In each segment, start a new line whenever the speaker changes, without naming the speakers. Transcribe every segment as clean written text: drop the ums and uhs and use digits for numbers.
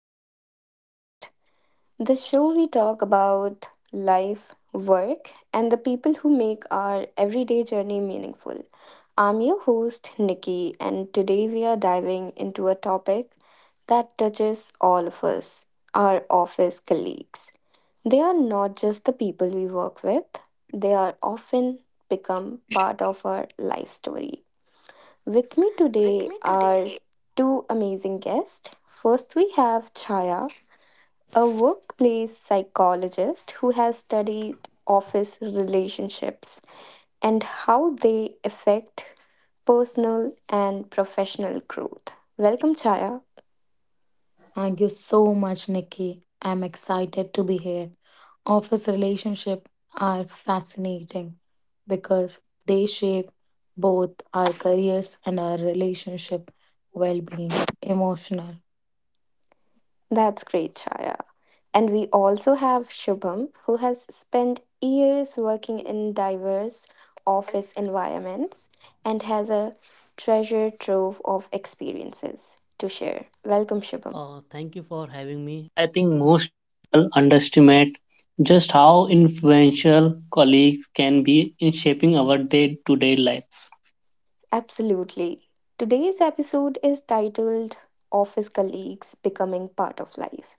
to my podcast. The show we talk about life, work, and the people who make our everyday journey meaningful. I'm your host, Nikki, and today we are diving into a topic that touches all of us, our office colleagues. They are not just the people we work with, they are often become part of our life story. With me today are two amazing guests. First, we have Chaya, a workplace psychologist who has studied office relationships and how they affect personal and professional growth. Welcome, Chaya.
Thank you so much, Nikki. I'm excited to be here. Office relationships are fascinating because they shape both our careers and our relationship well being, emotional.
That's great, Chaya. And we also have Shubham, who has spent years working in diverse office environments and has a treasure trove of experiences to share. Welcome, Shubham.
How influential colleagues can be in shaping our day-to-day life.
Absolutely. Today's episode is titled Office Colleagues Becoming Part of Life.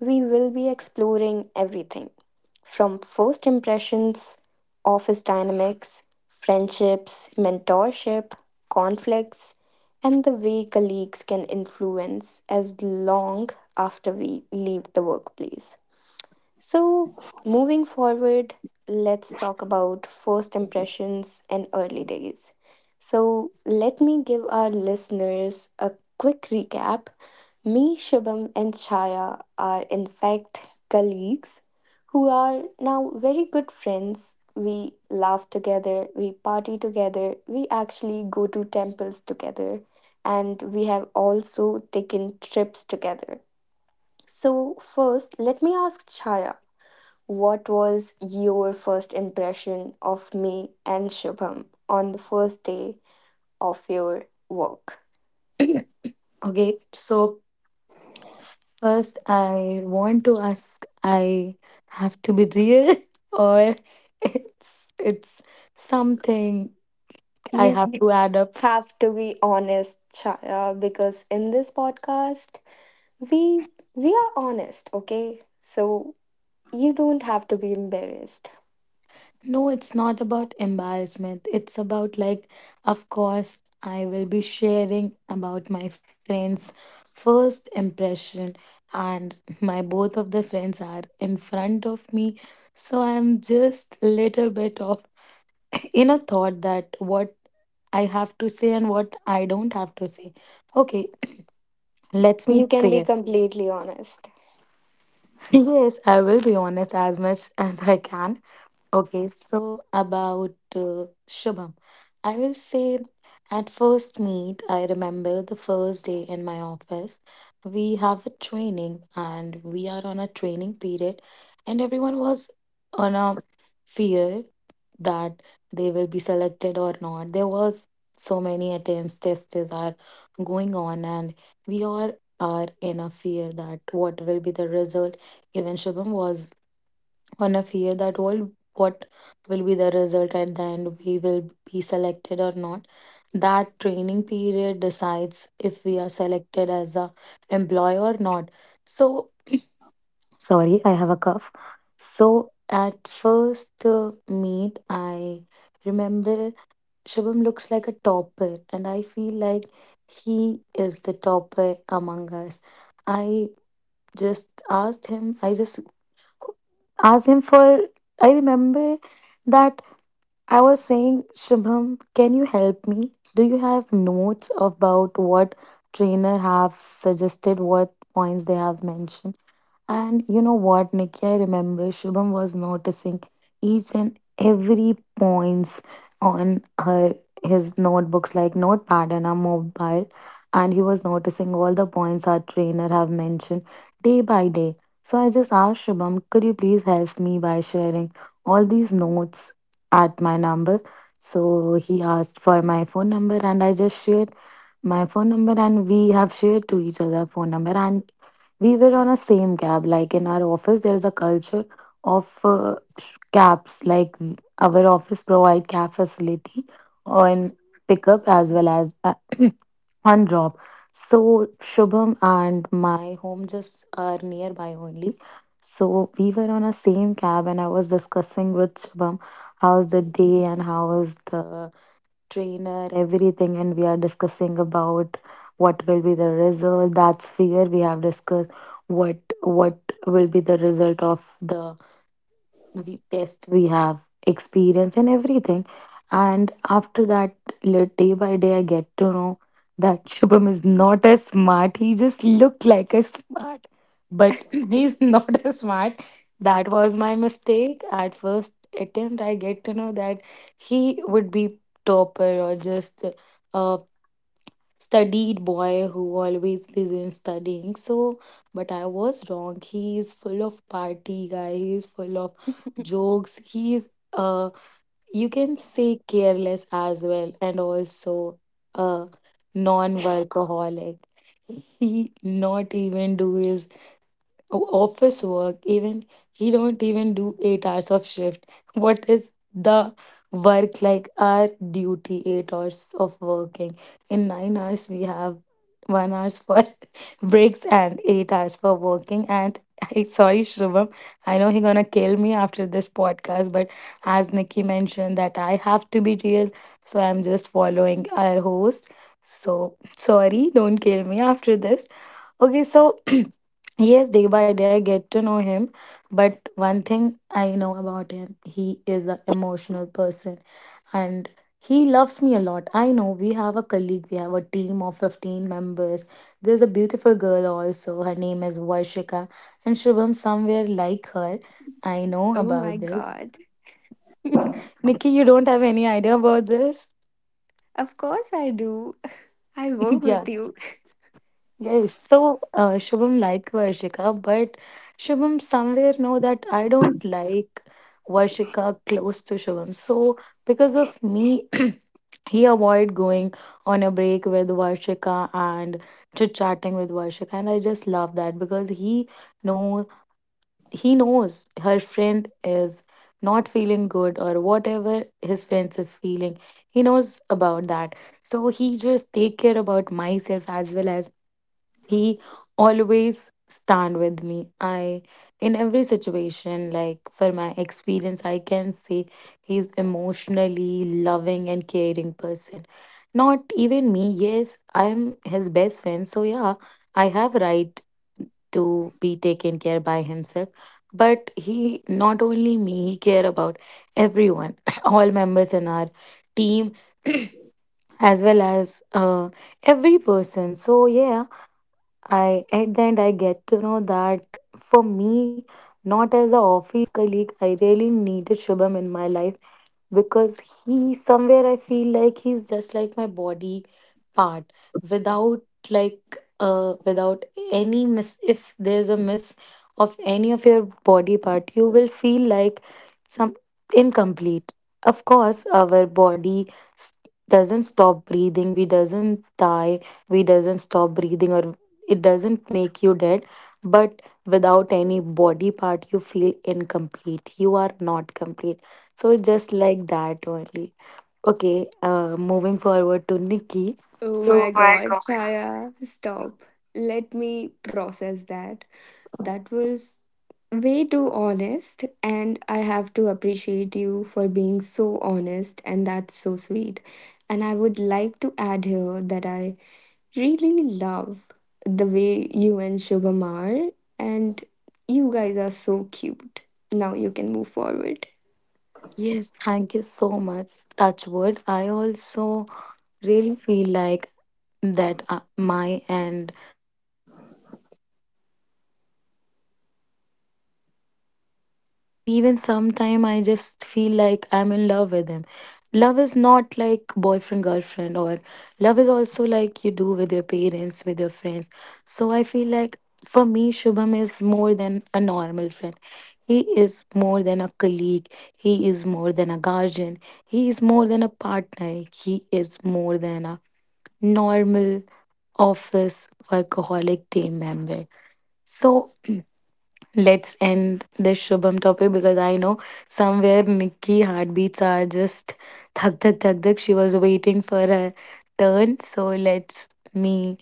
We will be exploring everything from first impressions, office dynamics, friendships, mentorship, conflicts, and the way colleagues can influence as long after we leave the workplace. So, moving forward, let's talk about first impressions and early days. So, let me give our listeners a quick recap. Me, Shubham, and Chaya are, in fact, colleagues who are now very good friends. We laugh together, we party together, we actually go to temples together, and we have also taken trips together. So, first, let me ask Chaya, what was your first impression of me and Shubham on the first day of your work?
Okay, so first, I want to ask I have to be real or it's something I
You
have to add up.
have to be honest, Chaya, because in this podcast, we we are honest, okay? So you don't have to be embarrassed.
No, it's not about embarrassment. It's about, like, of course, I will be sharing about my friend's first impression, and my both of the friends are in front of me. So I'm just little bit of in a thought that what I have to say and what I don't have to say. Okay, let me
You can
say
be
it.
completely honest.
Yes, I will be honest as much as I can. Okay, so about Shubham, I will say at first meet, I remember the first day in my office. We have a training and we are on a training period, and everyone was on a fear that they will be selected or not. There was so many attempts, tests are going on, and we all are in a fear that what will be the result. Even Shubham was on a fear that all what will be the result at the end we will be selected or not. That training period decides if we are selected as a employee or not. So sorry, I have a cough. So at first meet, I remember Shubham looks like a topper and I feel like he is the topper among us. I just asked him, I just ask him for, I remember that I was saying, Shubham, can you help me? Do you have notes about what trainer have suggested, what points they have mentioned? And you know what, Nikki, I remember Shubham was noticing each and every points on her his notebooks, like notepad and a mobile, and he was noticing all the points our trainer have mentioned day by day. So I just asked Shubham, could you please help me by sharing all these notes at my number? So he asked for my phone number and I just shared my phone number, and we have shared to each other phone number. And we were on a same cab. Like in our office, there's a culture of cabs. Like our office provide cab facility on pickup as well as on drop. So Shubham and my home just are nearby only, so we were on a same cab, and I was discussing with Shubham how's the day and how was the trainer, everything, and we are discussing about what will be the result. That's fear. We have discussed what will be the result of the we test, we have experience and everything. And after that, day by day, I get to know that Shubham is not as smart. He just looked like a smart, but he's not as smart. That was my mistake. At first attempt, I get to know that he would be topper or just uh, studied boy who always busy in studying. So, but I was wrong. He is full of party guy. He is full of jokes. He is you can say careless as well, and also a non-workaholic. He not even do his office work. Even he don't even do 8 hours of shift what is the work. Like our duty 8 hours of working, in 9 hours we have 1 hours for breaks and 8 hours for working. And I, sorry Shubham, I know he gonna kill me after this podcast, but as Nikki mentioned that I have to be real, so I'm just following our host. So sorry, don't kill me after this. Okay, so yes, day by day I get to know him, but one thing I know about him, he is an emotional person and he loves me a lot. I know we have a colleague, we have a team of 15 members. There's a beautiful girl also, her name is Varshika, and Shubham, somewhere like her. I know
oh my
about this.
god.
Nikki, you don't have any idea about this?
Of course I do. I work
Yeah.
with you.
Yes, so Shubham like Varshika, but Shubham somewhere know that I don't like Varshika close to Shubham. So because of me, he avoid going on a break with Varshika and chit chatting with Varshika, and I just love that because he know he knows her friend is not feeling good or whatever his friends is feeling. He knows about that, so he just take care about myself as well as he always stand with me I in every situation. Like for my experience I can say he's emotionally loving and caring person. Not even me, yes I'm his best friend, so yeah I have right to be taken care by himself. But he not only me, he care about everyone. All members in our team as well as every person, so yeah. I at the end I get to know that for me, not as a office colleague, I really needed Shubham in my life because he somewhere I feel like he's just like my body part without like without any miss. If there's a miss of any of your body part, you will feel like some incomplete. Of course our body s- doesn't stop breathing, we doesn't die, we doesn't stop breathing, or it doesn't make you dead. But without any body part you feel incomplete, you are not complete. So just like that only. Okay, moving forward to Nikki.
Oh
Oh
my
my
god,
god.
Chaya, stop. Let me process that. That was way too honest, and I have to appreciate you for being so honest, and that's so sweet. And I would like to add here that I really love the way you and Shubham are, and you guys are so cute. Now you can move forward.
Yes, thank you so much. Touchwood. I also really feel like that my and Shubham friendship will never be faded. It will be last long. And even sometime I just feel like I'm in love with him. Love is not like boyfriend, girlfriend, or love is also like you do with your parents, with your friends. So I feel like for me, Shubham is more than a normal friend. He is more than a colleague. He is more than a guardian. He is more than a partner. He is more than a normal office workaholic team member. So let's end this Shubham topic because I know somewhere Nikki heartbeats are just thak thak thak thak. She was waiting for her turn. So let's me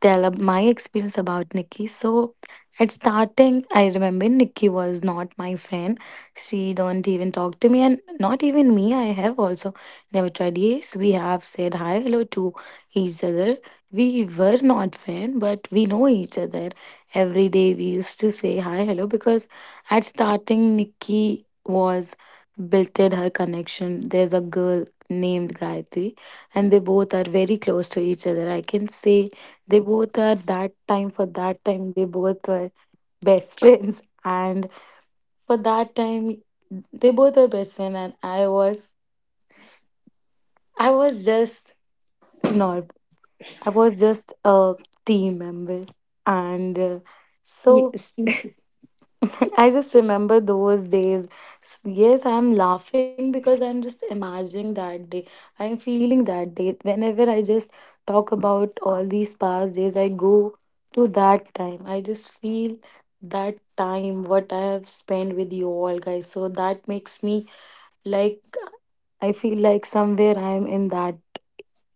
tell my experience about Nikki. So at starting, I remember Nikki was not my friend. She don't even talk to me, and not even me, I have also never tried. Yes, we have said hi, hello to each other. We were not friend, but we know each other. Every day we used to say hi, hello because at starting, Nikki was built her connection. There's a girl named Gayatri, and they both are very close to each other. I can say they both are that time, for that time, they both were best friends. And for that time, they both were best friends. And I was just not, I was just a team member. And so
Yes.
I just remember those days. Yes, I'm laughing because I'm just imagining that day. I'm feeling that day. Whenever I just talk about all these past days, I go to that time. I just feel that time, what I have spent with you all guys. So that makes me like, I feel like somewhere I'm in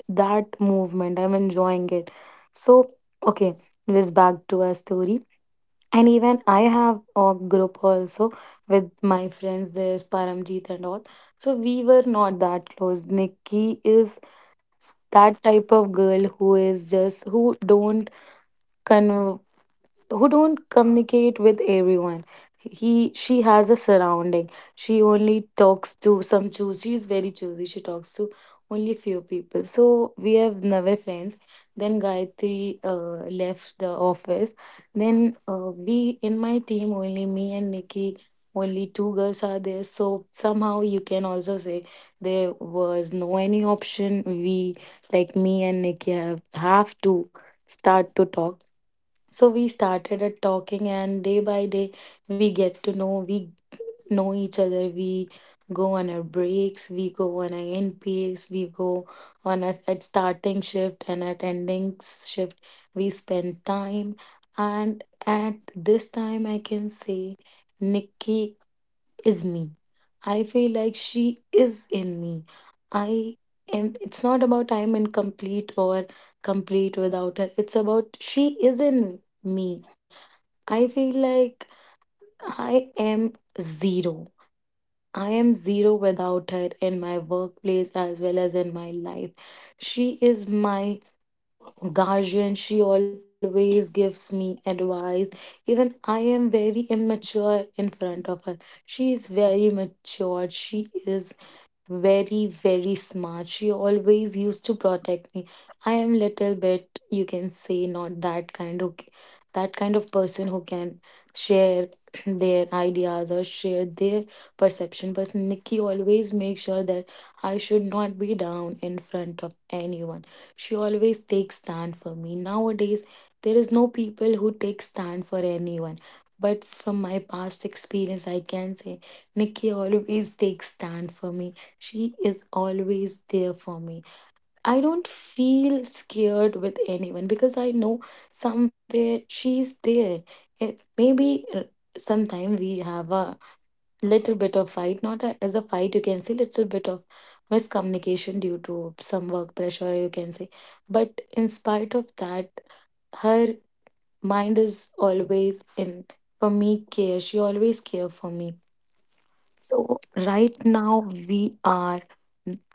that movement. I'm enjoying it. So, okay, let's back to our story. And even I have a group also with my friends, there's Paramjit and all. So we were not that close. Nikki is that type of girl who is just who don't con who don't communicate with everyone. He she has a surrounding, she only talks to some choosy. She's very choosy, she talks to only few people. So we have never friends. Then Gayatri left the office. Then we in my team only me and Nikki, only two girls are there. So somehow you can also say there was no any option. We like me and Nikki have to start to talk. So we started at talking, and day by day, we get to know we know each other. We go on our breaks, we go on our NPAs, we go on a, at starting shift and at ending shift. We spend time, and at this time, I can say. Nikki is me. I feel like she is in me. I am it's not about I am incomplete or complete without her. It's about she is in me. I feel like I am zero. I am zero without her in my workplace as well as in my life. She is my guardian. She always gives me advice. Even I am very immature in front of her. She is very mature. She is very, very smart. She always used to protect me. I am little bit, you can say, not that kind of person who can share their ideas or share their perception. But Nikki always makes sure that I should not be down in front of anyone. She always takes stand for me. Nowadays, there is no people who take stand for anyone. But from my past experience, I can say Nikki always takes stand for me, she is always there for me. I don't feel scared with anyone because I know somewhere she's there. It, maybe sometime we have a little bit of fight, not a, as a fight, you can say little bit of miscommunication due to some work pressure, you can say. But in spite of that, her mind is always in for me care. She always care for me, so right now we are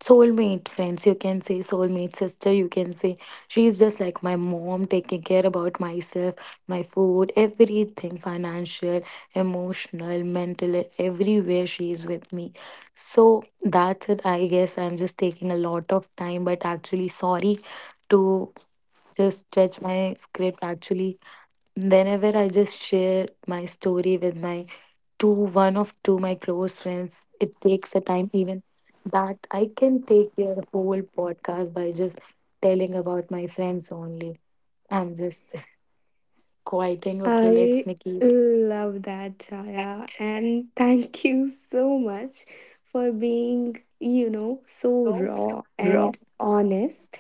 soulmate friends. You can say soulmate sister. You can say she's just like my mom, taking care about myself, my food, everything, financial, emotional, mental, everywhere she is with me. So that's it. I guess I'm just taking a lot of time, but actually sorry to just stretch my script. Actually, whenever I just share my story with my to one of to my close friends. It takes a time, even that I can take your whole podcast by just telling about my friends only. I'm just quieting. Okay, let's
I
Nikki.
love that, Chaya,
That
and thank you so much for being, you know, so
looks
raw
wrong.
and honest.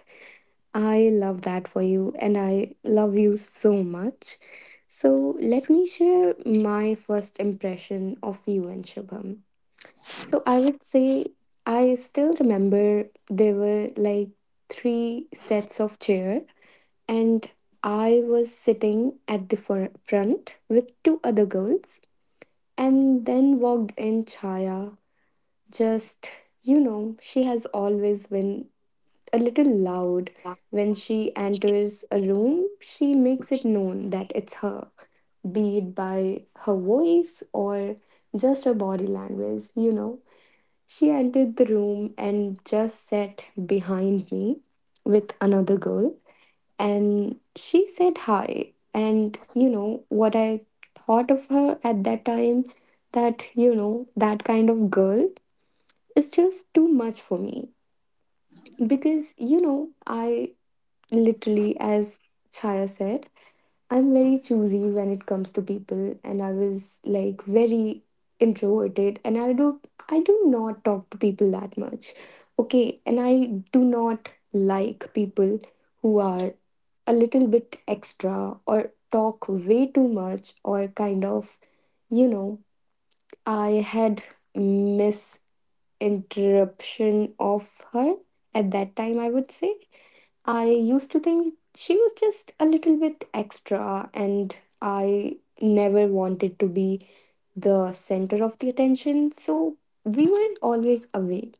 I love that for you, and I love you so much. So, let me share my first impression of you and Shubham. So, I would say I still remember there were like three sets of chair and I was sitting at the front with two other girls. And then walked in Chaya. Just, you know, she has always been a little loud. When she enters a room, she makes it known that it's her, be it by her voice or just her body language, you know. She entered the room and just sat behind me with another girl and she said hi. And you know what I thought of her at that time, that you know that kind of girl is just too much for me, because you know I literally, as Chaya said, I'm very choosy when it comes to people and I was like very introverted and I do not talk to people that much. Okay, and I do not like people who are a little bit extra or talk way too much or kind of, you know, I had misinterruption of her at that time, I would say I used to think she was just a little bit extra, and I never wanted to be the center of the attention, so we were always away.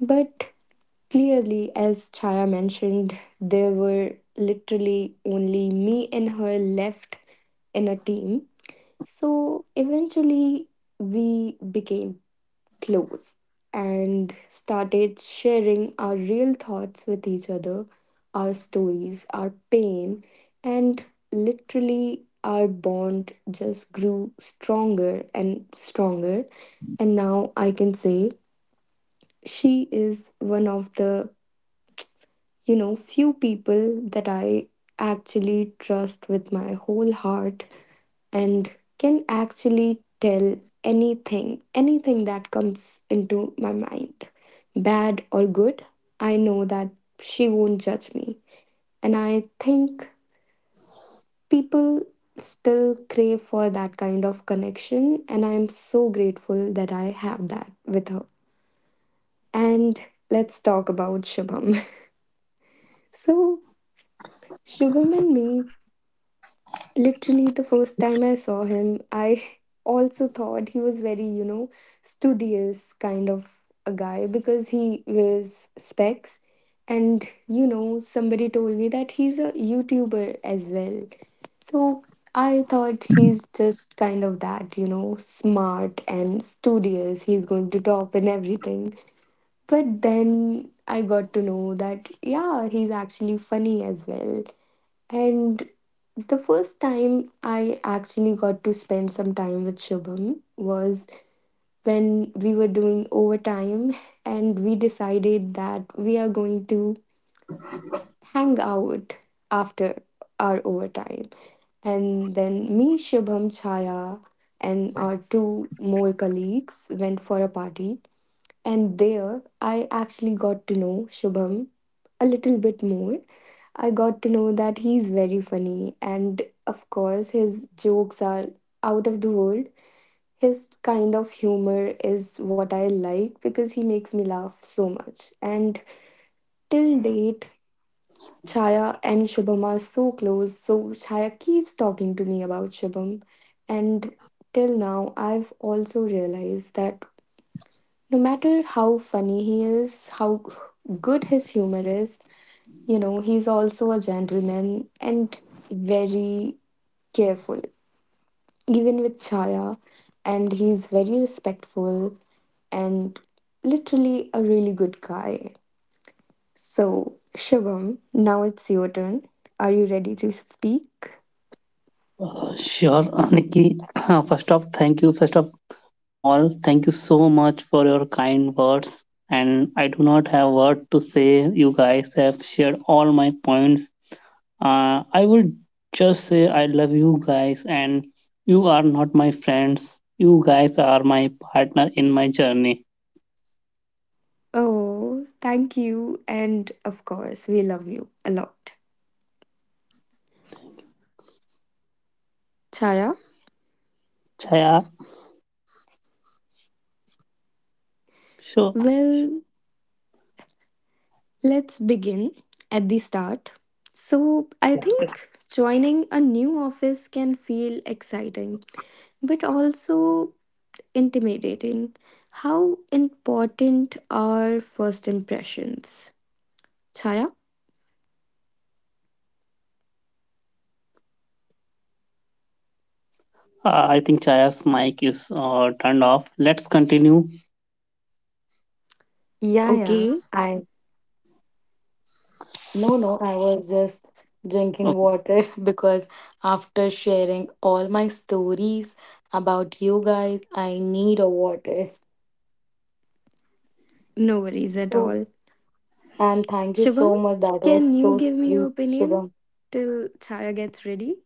But clearly, as Chaya mentioned, there were literally only me and her left in a team. So eventually, we became close and started sharing our real thoughts with each other, our stories, our pain, and literally our bond just grew stronger and stronger. And now I can say she is one of the, you know, few people that I actually trust with my whole heart and can actually tell anything, anything that comes into my mind, bad or good. I know that she won't judge me. And I think people still crave for that kind of connection. And I'm so grateful that I have that with her. And let's talk about Shubham. so, Shubham and me, literally the first time I saw him, I also thought he was very, you know, studious kind of a guy because he wears specs and you know somebody told me that he's a YouTuber as well. So I thought he's just kind of that, you know, smart and studious, he's going to top in everything. But then I got to know that yeah, he's actually funny as well. And the first time I actually got to spend some time with Shubham was when we were doing overtime and we decided that we are going to hang out after our overtime. And then me, Shubham, Chaya, and our two more colleagues went for a party. And there I actually got to know Shubham a little bit more. I got to know that he's very funny, and of course, his jokes are out of the world. His kind of humor is what I like because he makes me laugh so much. And till date, Chaya and Shubham are so close, so Chaya keeps talking to me about Shubham. And till now, I've also realized that no matter how funny he is, how good his humor is, you know, he's also a gentleman and very careful, even with Chaya. And he's very respectful and literally a really good guy. So, Shivam, now it's your turn. Are you ready to speak?
Sure, Nikki. first off, thank you. First of all, thank you so much for your kind words. And I do not have word to say. You guys have shared all my points. I would just say I love you guys, and you are not my friends. You guys are my partner in my journey.
Oh, thank you. And of course, we love you a lot. Chaya?
Chaya, sure.
Well, let's begin at the start. So, I think joining a new office can feel exciting, but also intimidating. How important are first impressions? Chaya?
I think Chaya's mic is turned off. Let's continue.
Yeah, yeah.
Okay,
I no. I was just drinking
Okay.
water because after sharing all my stories about you guys, I need a water.
no worries at
So
all.
and thank you
Shubham,
so much. That was
can you
so
give me your
sweet,
opinion
Shubham.
till Chaya gets ready?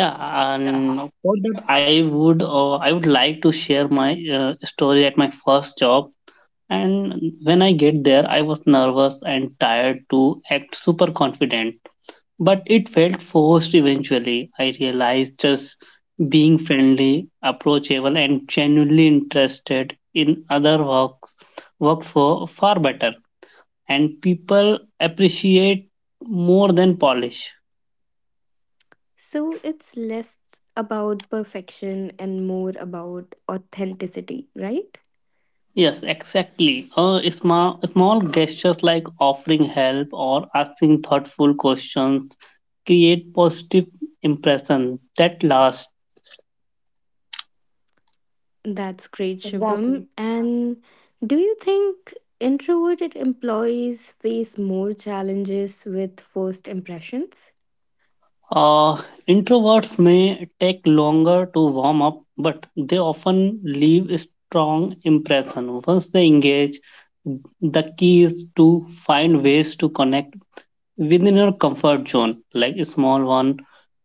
Yeah,
Yeah.
and for that, I would like to share my story at my first job. And when I get there, I was nervous and tired to act super confident, but it felt forced. Eventually, I realized just being friendly, approachable, and genuinely interested in other works worked for far better. And people appreciate more than polish.
So, it's less about perfection and more about authenticity, right?
Yes, exactly. Small gestures like offering help or asking thoughtful questions create positive impression that lasts.
That's great,
Exactly.
Shubham. And do you think introverted employees face more challenges with first impressions?
Uh, Introverts may take longer to warm up, but they often leave a strong impression. Once they engage, the key is to find ways to connect within your comfort zone, like a small one,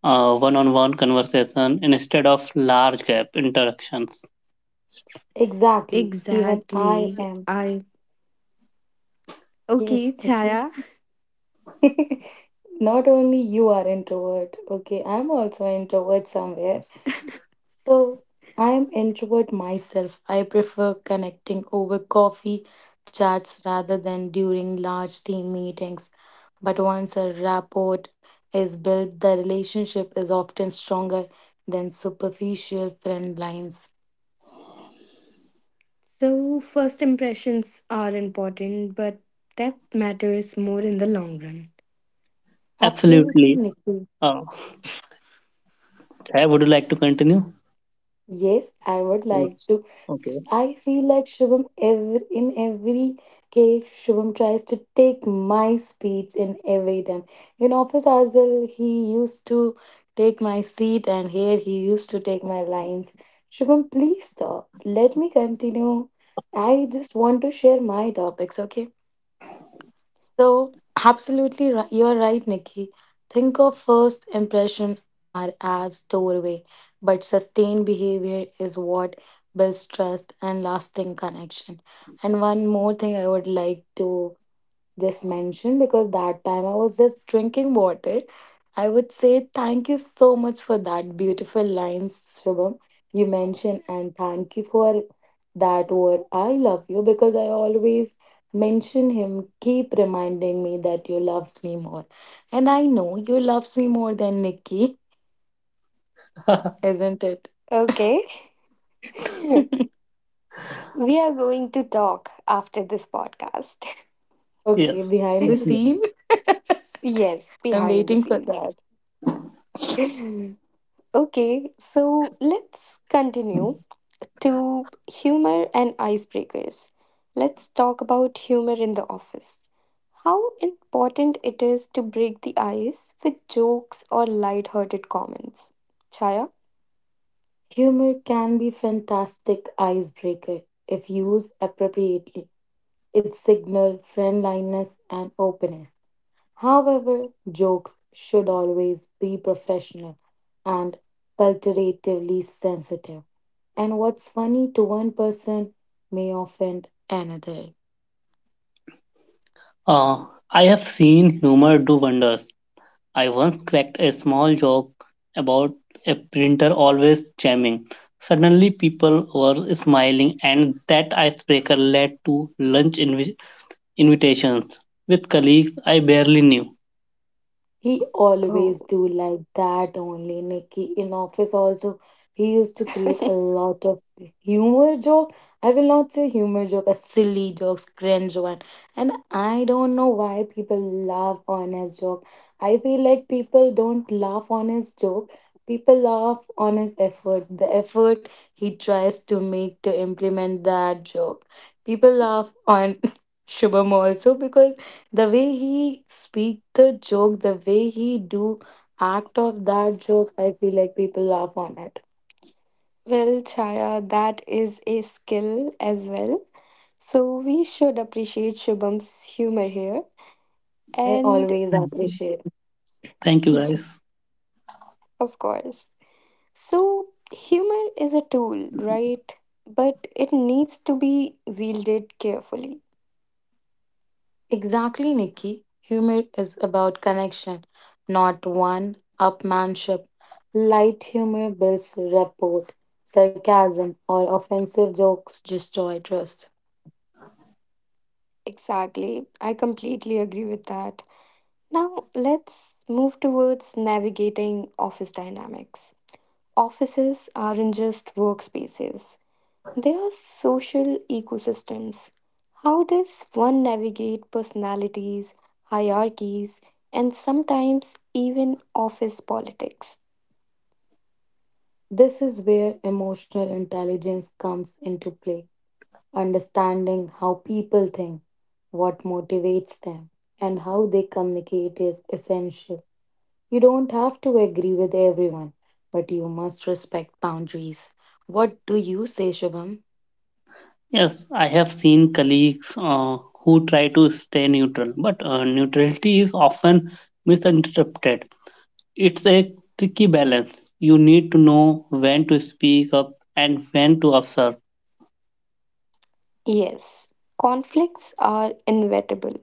one-on-one conversation instead of large gap interactions.
Exactly. Even I
Exactly.
am.
I, okay,
Yes. Nikki.
Chaya.
Not only you are introvert. Okay, I'm also introvert somewhere. So I am introvert myself. I prefer connecting over coffee chats rather than during large team meetings. But once a rapport is built, the relationship is often stronger than superficial friend lines.
So first impressions are important, but depth matters more in the long run.
Absolutely,
Absolutely.
Nikki.
Uh, I would you like to continue.
Yes, I would like
Yes.
to.
Okay.
I feel like Shubham every in every case Shubham tries to take my speech in every time. In office as well, he used to take my seat, and here he used to take my lines. Shubham, please stop. Let me continue. I just want to share my topics, okay? So, absolutely, you're right, Nikki. Think of first impression are as doorway, but sustained behavior is what builds trust and lasting connection. And one more thing I would like to just mentioned because that time I was just drinking water. I would say thank you so much for that beautiful lines, Shubham, you mentioned, and thank you for that word I love you, because I always mention him, keep reminding me that you loves me more. And I know you loves me more than Nikki, isn't it?
Okay. we are going to talk after this podcast.
Okay,
Yes.
behind the
Definitely.
scene.
yes,
I'm
behind the
waiting for that.
scenes. okay, so let's continue to humor and icebreakers. Let's talk about humor in the office. How important it is to break the ice with jokes or light-hearted comments. Chaya?
Humor can be fantastic icebreaker if used appropriately. It signals friendliness and openness. However, jokes should always be professional and culturatively sensitive. And what's funny to one person may offend another.
Uh, I have seen humor do wonders. I once cracked a small joke about a printer always jamming. Suddenly, people were smiling, and that icebreaker led to lunch invitations with colleagues I barely knew.
He always
Oh.
do like that only, Nikki. In office also, he used to create a lot of humor joke. I will not say humor joke, a silly jokes, cringe one. And I don't know why people laugh on his joke. I feel like people don't laugh on his joke. People laugh on his effort, the effort he tries to make to implement that joke. People laugh on Shubham also because the way he speak the joke, the way he do act of that joke, I feel like people laugh on it.
Well, Chaya, that is a skill as well. So we should appreciate Shubham's humor here.
I
And
always appreciate.
Thank you, guys.
of course. So humor is a tool, right? But it needs to be wielded carefully.
Exactly, Nikki. Humor is about connection, not one upmanship. Light humor builds rapport. Sarcasm or offensive jokes destroy trust.
Exactly. I completely agree with that. Now, let's move towards navigating office dynamics. Offices aren't just workspaces, they are social ecosystems. How does one navigate personalities, hierarchies, and sometimes even office politics?
This is where emotional intelligence comes into play. Understanding how people think, what motivates them, and how they communicate is essential. You don't have to agree with everyone, but you must respect boundaries. What do you say, Shubham?
Yes, I have seen colleagues who try to stay neutral, but neutrality is often misinterpreted. It's a tricky balance. You need to know when to speak up and when to observe.
Yes, conflicts are inevitable.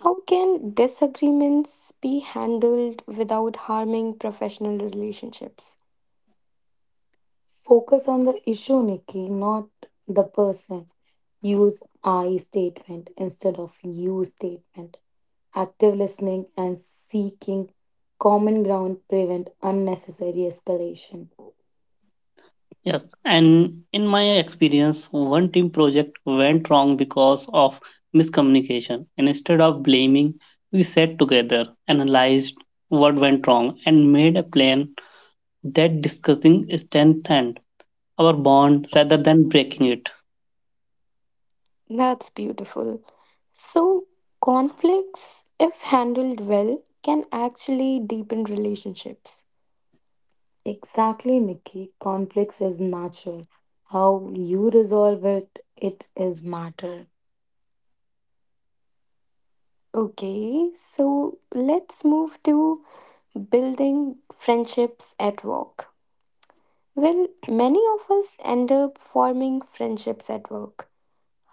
How can disagreements be handled without harming professional relationships?
Focus on the issue, Nikki, not the person. Use I statement instead of you statement. Active listening and seeking common ground prevent unnecessary escalation.
Yes, and in my experience, one team project went wrong because of miscommunication. And instead of blaming, we sat together, analyzed what went wrong, and made a plan that discussing strengthened our bond rather than breaking it.
That's beautiful. So, conflicts, if handled well, can actually deepen relationships.
Exactly, Nikki. Conflicts is natural. How you resolve it, it is matter.
Okay, so let's move to building friendships at work. Well, many of us end up forming friendships at work.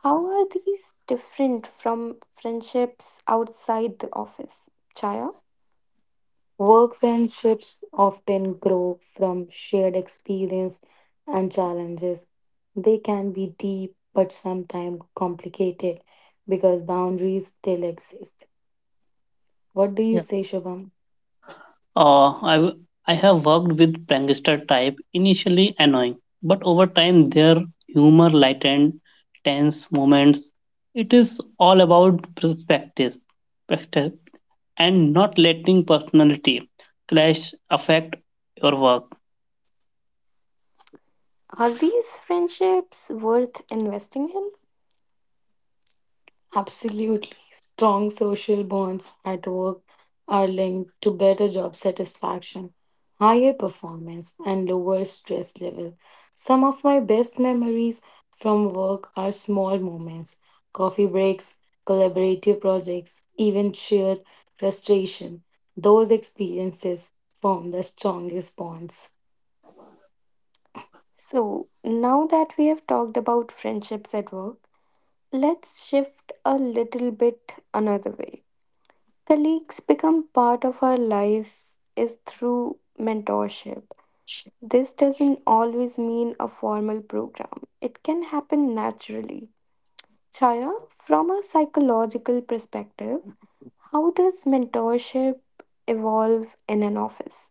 How are these different from friendships outside the office? Chaya,
Work friendships often grow from shared experience and challenges. They can be deep but sometimes complicated because boundaries still exist. What do you
Yeah.
say, Shubham?
Uh, I, w- I have worked with prankster type, initially annoying, but over time their humor lightened tense moments. It is all about perspectives and not letting personality clash affect your work.
are these friendships worth investing in?
Absolutely. Strong social bonds at work are linked to better job satisfaction, higher performance, and lower stress level. Some of my best memories from work are small moments, coffee breaks, collaborative projects, even shared frustration. Those experiences form the strongest bonds.
So, now that we have talked about friendships at work, let's shift a little bit another way. Colleagues become part of our lives is through mentorship. This doesn't always mean a formal program. It can happen naturally. Chaya, from a psychological perspective, how does mentorship evolve in an office?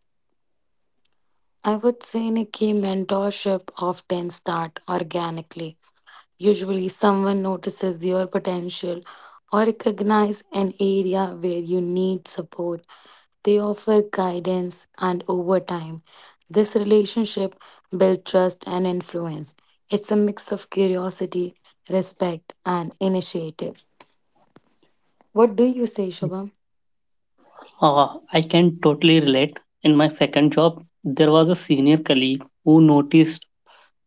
I would say, Nikki, mentorship often start organically. Usually, someone notices your potential or recognize an area where you need support. They offer guidance, and over time, this relationship builds trust and influence. It's a mix of curiosity, respect, and initiative. What do you say, Shubham?
Ah, I can totally relate. In my second job, there was a senior colleague who noticed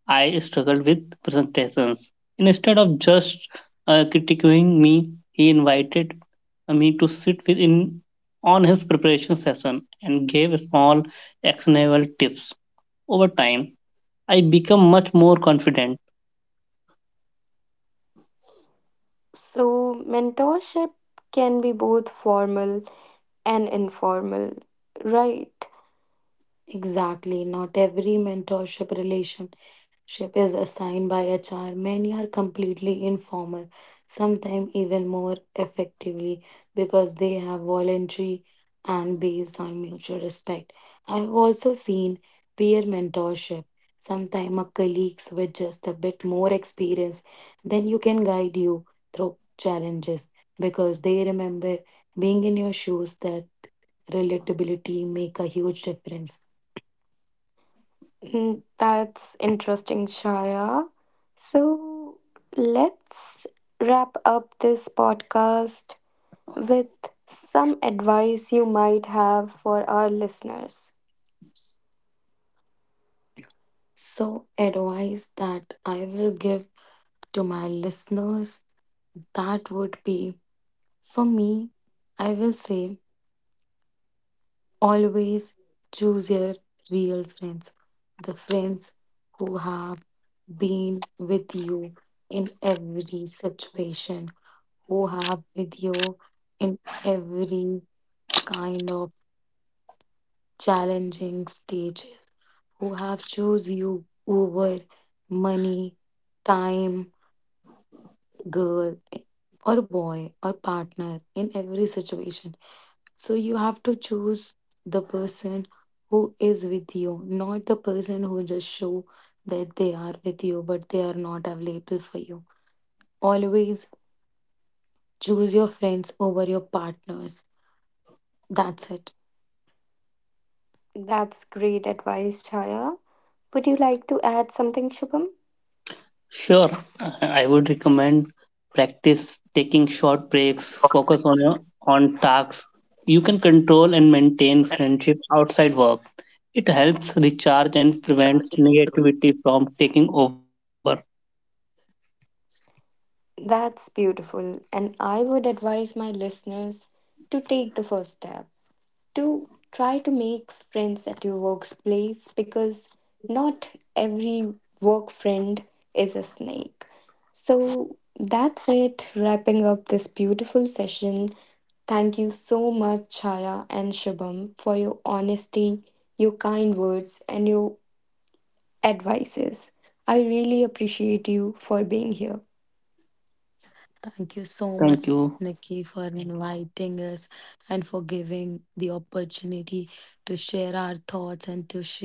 I struggled with presentations. Instead of just critiquing me, he invited me to sit with in on his preparation session and gave small actionable tips. Over time, I became much more confident.
So, mentorship can be both formal and informal. Right.
Exactly. Not every mentorship relationship is assigned by HR. Many are completely informal, sometimes even more effectively because they have voluntary and based on mutual respect. I've also seen peer mentorship. Sometimes a colleagues with just a bit more experience then you can guide you through challenges because they remember being in your shoes, that relatability make a huge difference.
Mm, that's interesting, Shaya. So let's wrap up this podcast with some advice you might have for our listeners.
So, advice that I will give to my listeners that would be, for me, I will say always choose your real friends, the friends who have been with you in every situation, who have with you in every kind of challenging stages, who have choose you over money, time, girl or boy or partner in every situation. So you have to choose the person who is with you, not the person who just show that they are with you, but they are not available for you. Always choose your friends over your partners. That's it.
That's great advice, Shaya. Would you like to add something, Shubham?
Sure, I would recommend practice taking short breaks, focus on your on tasks you can control and maintain friendships outside work. It helps recharge and prevents negativity from taking over.
That's beautiful, and I would advise my listeners to take the first step, to try to make friends at your workplace because not every work friend is a snake. So that's it, wrapping up this beautiful session. Thank you so much, Chaya and Shubham, for your honesty, your kind words, and your advices. I really appreciate you for being here.
Thank you so much,
Thank
Nikki,
you.
for inviting us and for giving the opportunity to share our thoughts and to share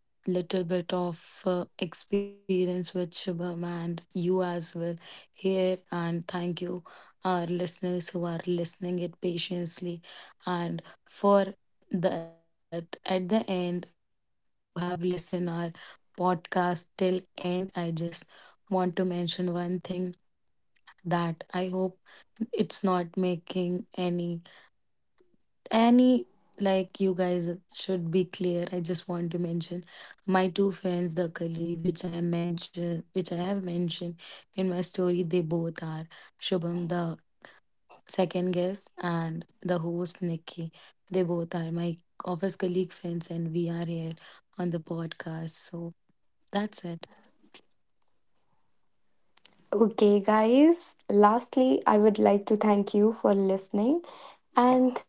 little bit of experience with Shubham and you as well here. And thank you, our listeners who are listening it patiently. And for that, at the end, who have listened our podcast till end, I just want to mention one thing, that I hope it's not making any any like, you guys should be clear. I just want to mention my two friends, the colleague which I mentioned, which I have mentioned in my story. They both are Shubham, the second guest, and the host Nikki. They both are my office colleague friends, and we are here on the podcast. So that's it.
Okay, guys, lastly, I would like to thank you for listening and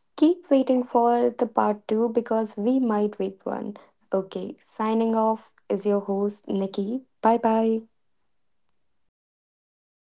keep waiting for the part 2 because we might wait one. Okay, signing off is your host, Nikki. Bye bye.
Bye bye.